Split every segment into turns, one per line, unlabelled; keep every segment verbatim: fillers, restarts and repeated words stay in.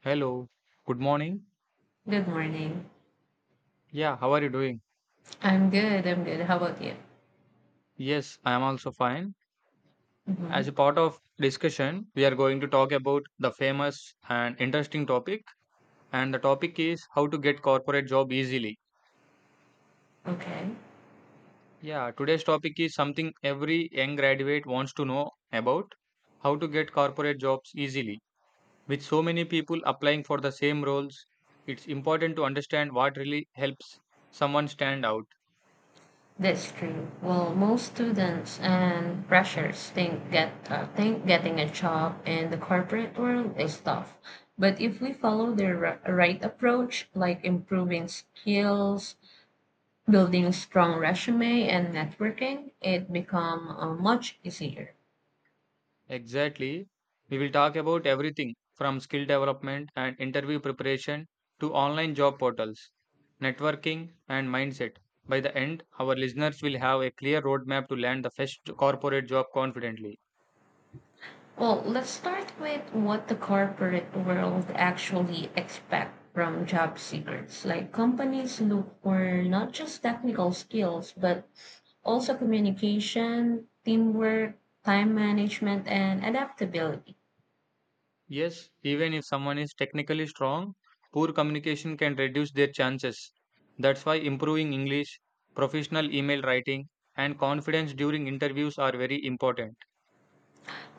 Hello, good morning.
Good morning.
Yeah, how are you doing?
I'm good. I'm good. How about you?
Yes, I am also fine. As a
hmm
part of discussion, we are going to talk about the famous and interesting topic, and the topic is how to get corporate job easily.
Okay,
Yeah, today's topic is something every young graduate wants to know about, how to get corporate jobs easily. With so many people applying for the same roles, it's important to understand what really helps someone stand out.
that's true. Well, most students and freshers think get uh, think getting a job in the corporate world is tough. But if we follow the ri- right approach, like improving skills, building strong resume, and networking, it become uh, much easier.
Exactly. We will talk about everything from skill development and interview preparation to online job portals, networking, and mindset. By the end, our listeners will have a clear roadmap to land the first corporate job confidently.
Well, let's start with what the corporate world actually expect from job seekers. Like companies look for not just technical skills, but also communication, teamwork, time management, and adaptability.
Yes, even if someone is technically strong, poor communication can reduce their chances. That's why improving English, professional email writing, and confidence during interviews are very important.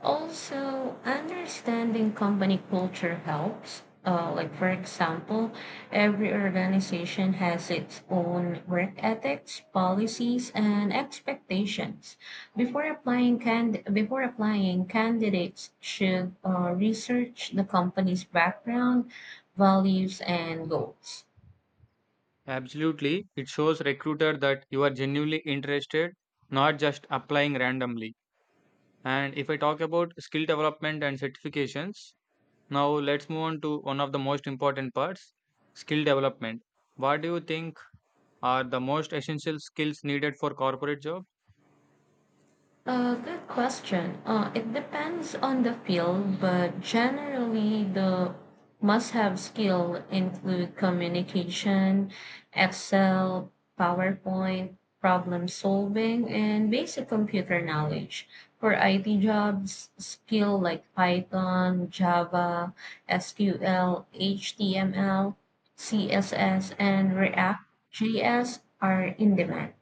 Also, understanding company culture helps. Uh, like, for example, every organization has its own work ethics, policies, and expectations. Before applying, can before applying, candidates should uh, research the company's background, values, and goals.
Absolutely. It shows recruiter that you are genuinely interested, not just applying randomly. And if I talk about skill development and certifications, now let's move on to one of the most important parts, skill development. What do you think are the most essential skills needed for corporate job?
Uh, good question. Uh, it depends on the field, but generally the must-have skill include communication, Excel, PowerPoint, problem solving, and basic computer knowledge. For I T jobs, skill like Python, Java, SQL, HTML, CSS, and React JS are in demand.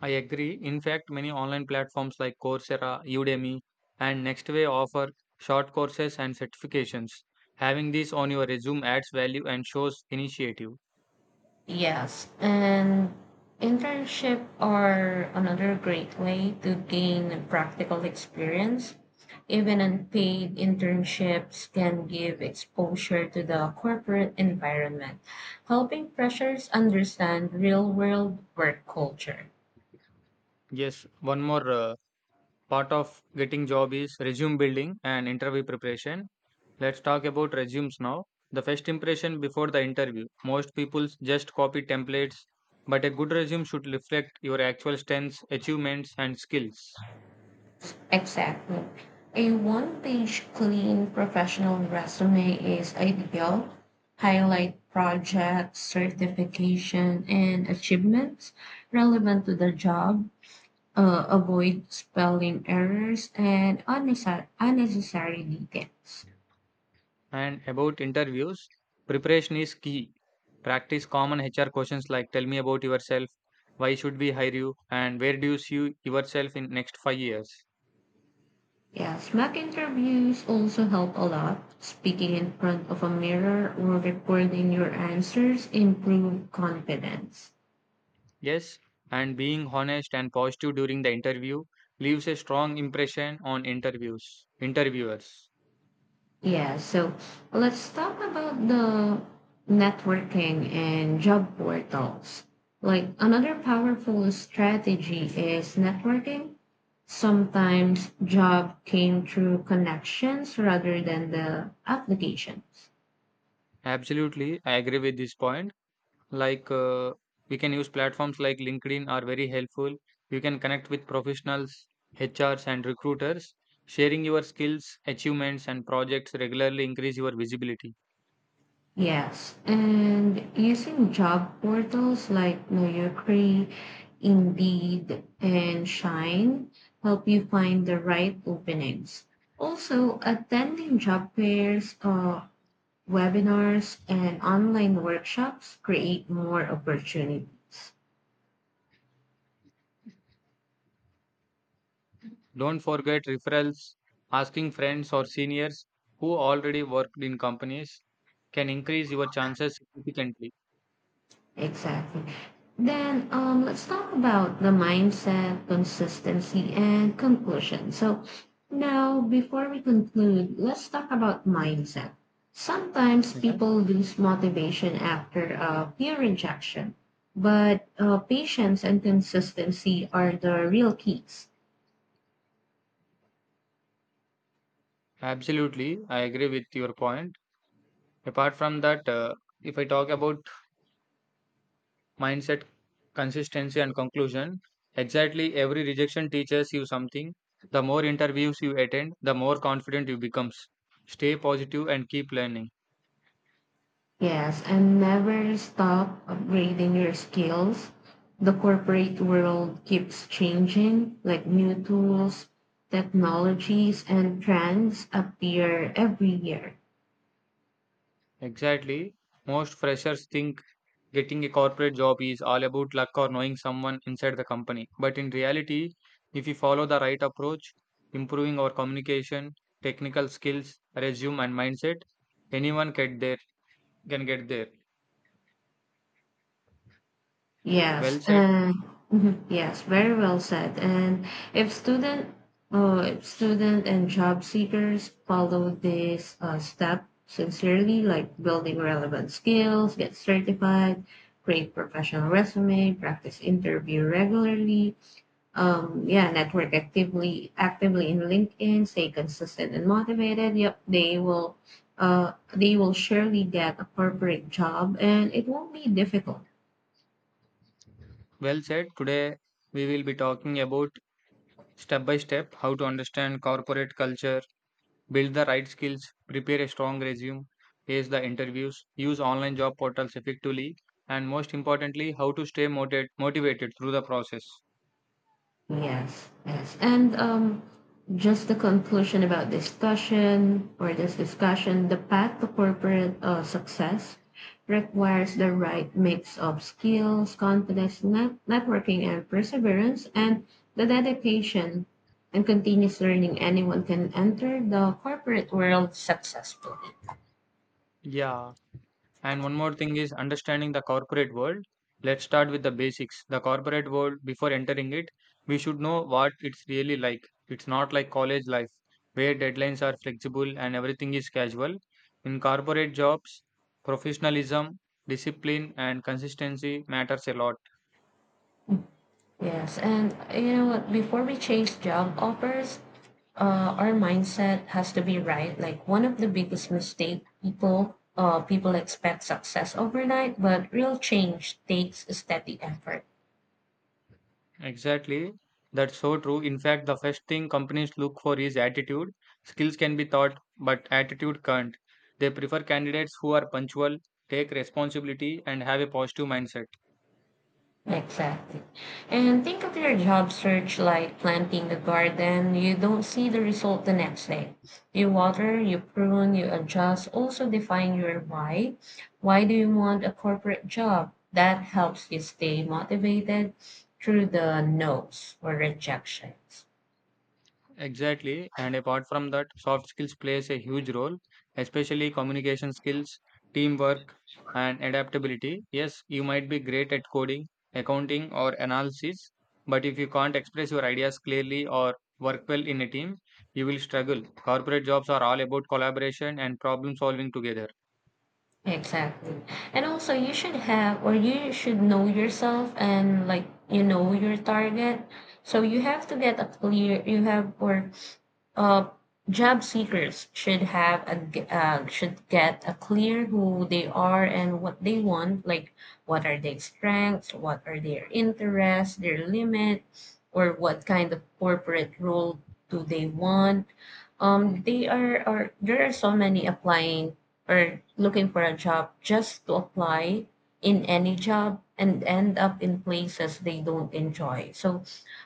I agree. In fact, many online platforms like Coursera, Udemy, and Nextway offer short courses and certifications. Having these on your resume adds value and shows initiative.
Yes, and internship are another great way to gain practical experience. Even unpaid internships can give exposure to the corporate environment, helping freshers understand real world work culture.
Yes, one more uh, part of getting job is resume building and interview preparation. Let's talk about resumes now. The first impression before the interview. Most people just copy templates, but a good resume should reflect your actual strengths, achievements, and skills.
Exactly. A one page clean professional resume is ideal. Highlight projects, certification, and achievements relevant to the job. Uh, avoid spelling errors and unnecessary, unnecessary details.
And about interviews, preparation is key. Practice common H R questions like tell me about yourself, why should we hire you, and where do you see yourself in next five years.
Yes, mock interviews also help a lot. Speaking in front of a mirror or recording your answers improve confidence.
Yes, and being honest and positive during the interview leaves a strong impression on interviews interviewers.
Yeah, so let's talk about the networking and job portals. Like another powerful strategy is networking. Sometimes job came through connections rather than the applications.
Absolutely, I agree with this point. Like uh, we can use platforms like LinkedIn are very helpful. You can connect with professionals, H Rs and recruiters. Sharing your skills, achievements and projects regularly increase your visibility.
Yes, and using job portals like Know Your Indeed, and Shine help you find the right openings. Also, attending job fairs, uh, webinars, and online workshops create more opportunities.
Don't forget referrals, asking friends or seniors who already worked in companies can increase your chances significantly.
Exactly. Then um, let's talk about the mindset, consistency, and conclusion. So now, before we conclude, let's talk about mindset. Sometimes
Mhm.
people lose motivation after a peer rejection, but uh, patience and consistency are the real keys.
Absolutely, I agree with your point. Apart from that, uh, if I talk about mindset, consistency, and conclusion, exactly every rejection teaches you something. The more interviews you attend, the more confident you becomes. Stay positive and keep learning.
Yes, and never stop upgrading your skills. The corporate world keeps changing, like new tools, technologies, and trends appear every year.
Exactly, most freshers think getting a corporate job is all about luck or knowing someone inside the company. But in reality, if we follow the right approach, improving our communication, technical skills, resume, and mindset, anyone get there can get there. Well
Yes,
said.
and mhm, yes, very
Mhm.
well said. And if student, uh, if student and job seekers follow this uh, step sincerely, like building relevant skills, get certified, create professional resume, practice interview regularly, um, yeah, network actively, actively in LinkedIn, stay consistent and motivated. Yep, they will, uh, they will surely get a corporate job, and it won't be difficult.
Well said. Today we will be talking about step by step how to understand corporate culture, build the right skills, prepare a strong resume, ace the interviews, use online job portals effectively, and most importantly, how to stay motivated, motivated through the process.
Yes, yes. And um, just the conclusion about discussion or this discussion, the path to corporate uh, success requires the right mix of skills, confidence, net- networking, and perseverance, and the dedication and continuous learning anyone can enter the corporate world successfully.
Yeah, and one more thing is understanding the corporate world. Let's start with the basics. The corporate world, before entering it, we should know what it's really like. It's not like college life, where deadlines are flexible and everything is casual. In corporate jobs, professionalism, discipline, and consistency matters a lot.
Yes, and you know what? Before we chase job offers, uh, our mindset has to be right. Like one of the biggest mistake people uh, people expect success overnight, but real change takes steady effort.
Exactly. That's so true. In fact, the first thing companies look for is attitude. Skills can be taught, but attitude can't. They prefer candidates who are punctual, take responsibility, and have a positive mindset.
Exactly. And think of your job search like planting a garden. You don't see the result the next day. You water, you prune, you adjust. Also define your why. Why do you want a corporate job? That helps you stay motivated through the no's or rejections.
Exactly. And apart from that, soft skills plays a huge role, especially communication skills, teamwork, and adaptability. Yes, you might be great at coding, accounting, or analysis, but if you can't express your ideas clearly or work well in a team, you will struggle. Corporate jobs are all about collaboration and problem solving together.
Exactly. And also you should have or you should know yourself and like you know your target. So you have to get a clear you have or uh, job seekers should have a g- uh, should get a clear who they are and what they want, like what are their strengths, what are their interests, their limits, or what kind of corporate role do they want. Um they are or There are so many applying or looking for a job just to apply in any job and end up in places they don't enjoy. So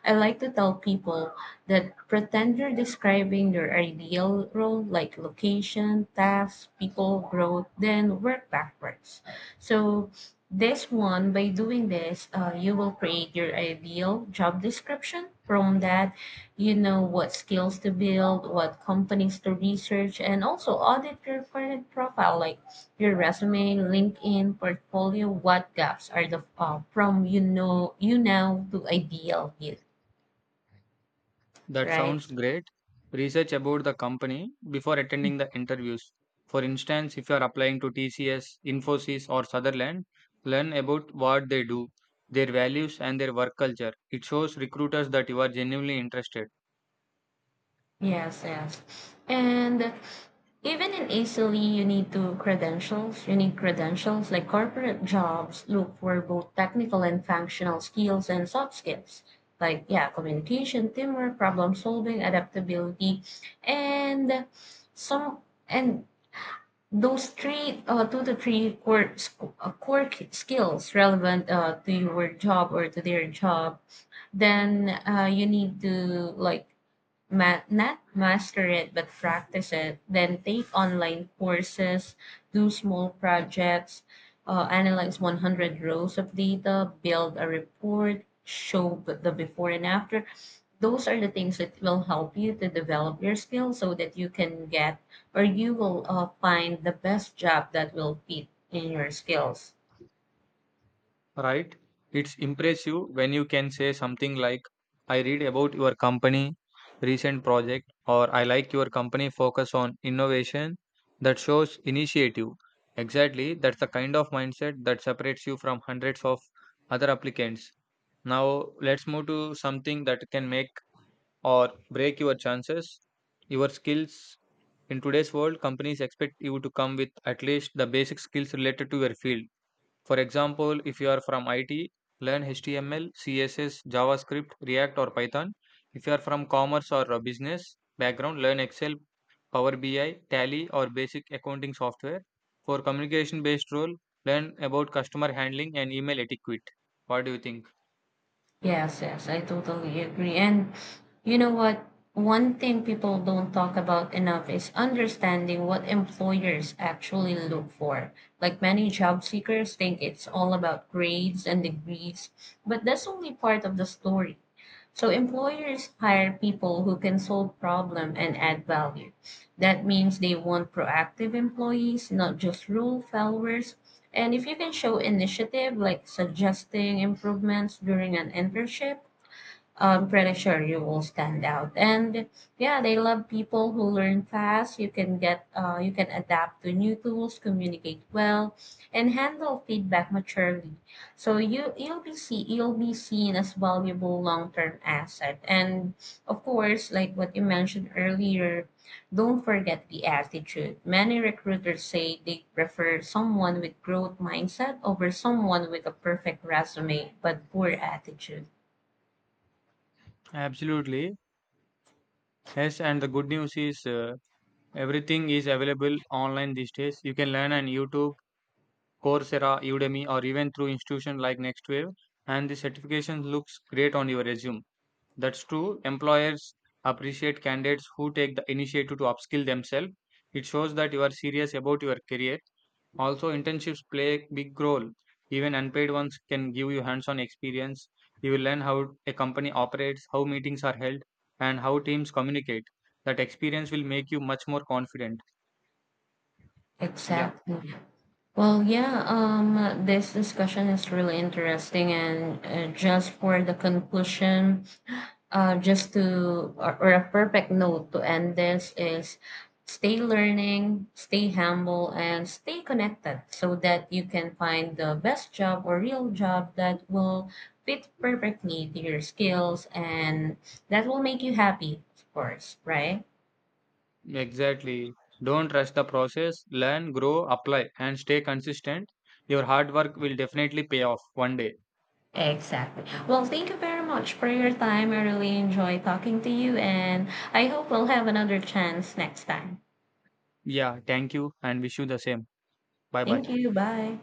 I like to tell people the pretender describing their ideal role, like location, task, people, growth, then work backwards. So this one, by doing this, uh, you will create your ideal job description. From that, you know what skills to build, what companies to research, and also audit your current profile, like your resume, LinkedIn, portfolio. What gaps are the uh, from you know you now to ideal you,
That
right?
sounds great. Research about the company before attending the interviews. For instance, if you are applying to T C S, Infosys, or Sutherland, learn about what they do, their values, and their work culture. It shows recruiters that you are genuinely interested.
Yes, yes. And even in Italy, you need to credentials. You need credentials, like corporate jobs look for both technical and functional skills and soft skills. Like, yeah, communication, teamwork, problem solving, adaptability, and some and those three uh, two to three core sc- uh, core k- skills relevant uh, to your job or to their job. Then uh, you need to like ma- not master it but practice it, then take online courses, do small projects, uh, analyze one hundred rows of data, build a report, show b- the before and after. Those are the things that will help you to develop your skills so that you can get or you will uh, find the best job that will fit in your skills.
Right? It's impressive when you can say something like, I read about your company recent project or I like your company focus on innovation that shows initiative. Exactly, that's the kind of mindset that separates you from hundreds of other applicants. Now let's move to something that can make or break your chances. Your skills in today's world, companies expect you to come with at least the basic skills related to your field. For example, if you are from I T, learn H T M L, C S S, JavaScript, React, or Python. If you are from commerce or a business background, learn Excel, Power B I, Tally, or basic accounting software. For communication based role, learn about customer handling and email etiquette. What do you think?
Yes, yes, I totally agree. And you know what? One thing people don't talk about enough is understanding what employers actually look for. Like many job seekers think it's all about grades and degrees, but that's only part of the story. So employers hire people who can solve problem and add value. That means they want proactive employees, not just rule followers. And if you can show initiative, like suggesting improvements during an internship, I'm pretty sure you will stand out. And yeah, they love people who learn fast. You can get, uh, you can adapt to new tools, communicate well, and handle feedback maturely. So you you'll be see you'll be seen as valuable long term asset. And of course, like what you mentioned earlier, don't forget the attitude. Many recruiters say they prefer someone with growth mindset over someone with a perfect resume but poor attitude.
Absolutely. Yes, and the good news is uh, everything is available online these days. You can learn on YouTube, Coursera, Udemy, or even through institutions like Nextwave, and the certification looks great on your resume. That's true. Employers appreciate candidates who take the initiative to upskill themselves. It shows that you are serious about your career. Also, internships play a big role. Even unpaid ones can give you hands on experience. You will learn how a company operates, how meetings are held, and how teams communicate. That experience will make you much more confident. Yeah.
Exactly. Well, yeah, um, this discussion is really interesting. And uh, just for the conclusion, uh, just to, or, or a perfect note to end this is stay learning, stay humble, and stay connected so that you can find the best job or real job that will fit perfectly to your skills and that will make you happy, of course, right?
Exactly. Don't rush the process, learn, grow, apply, and stay consistent. Your hard work will definitely pay off one day.
Exactly. Well, thank you very much for your time. I really enjoy talking to you, and I hope we'll have another chance next time.
Yeah, thank you and wish you the same. Bye bye.
Thank you. Bye.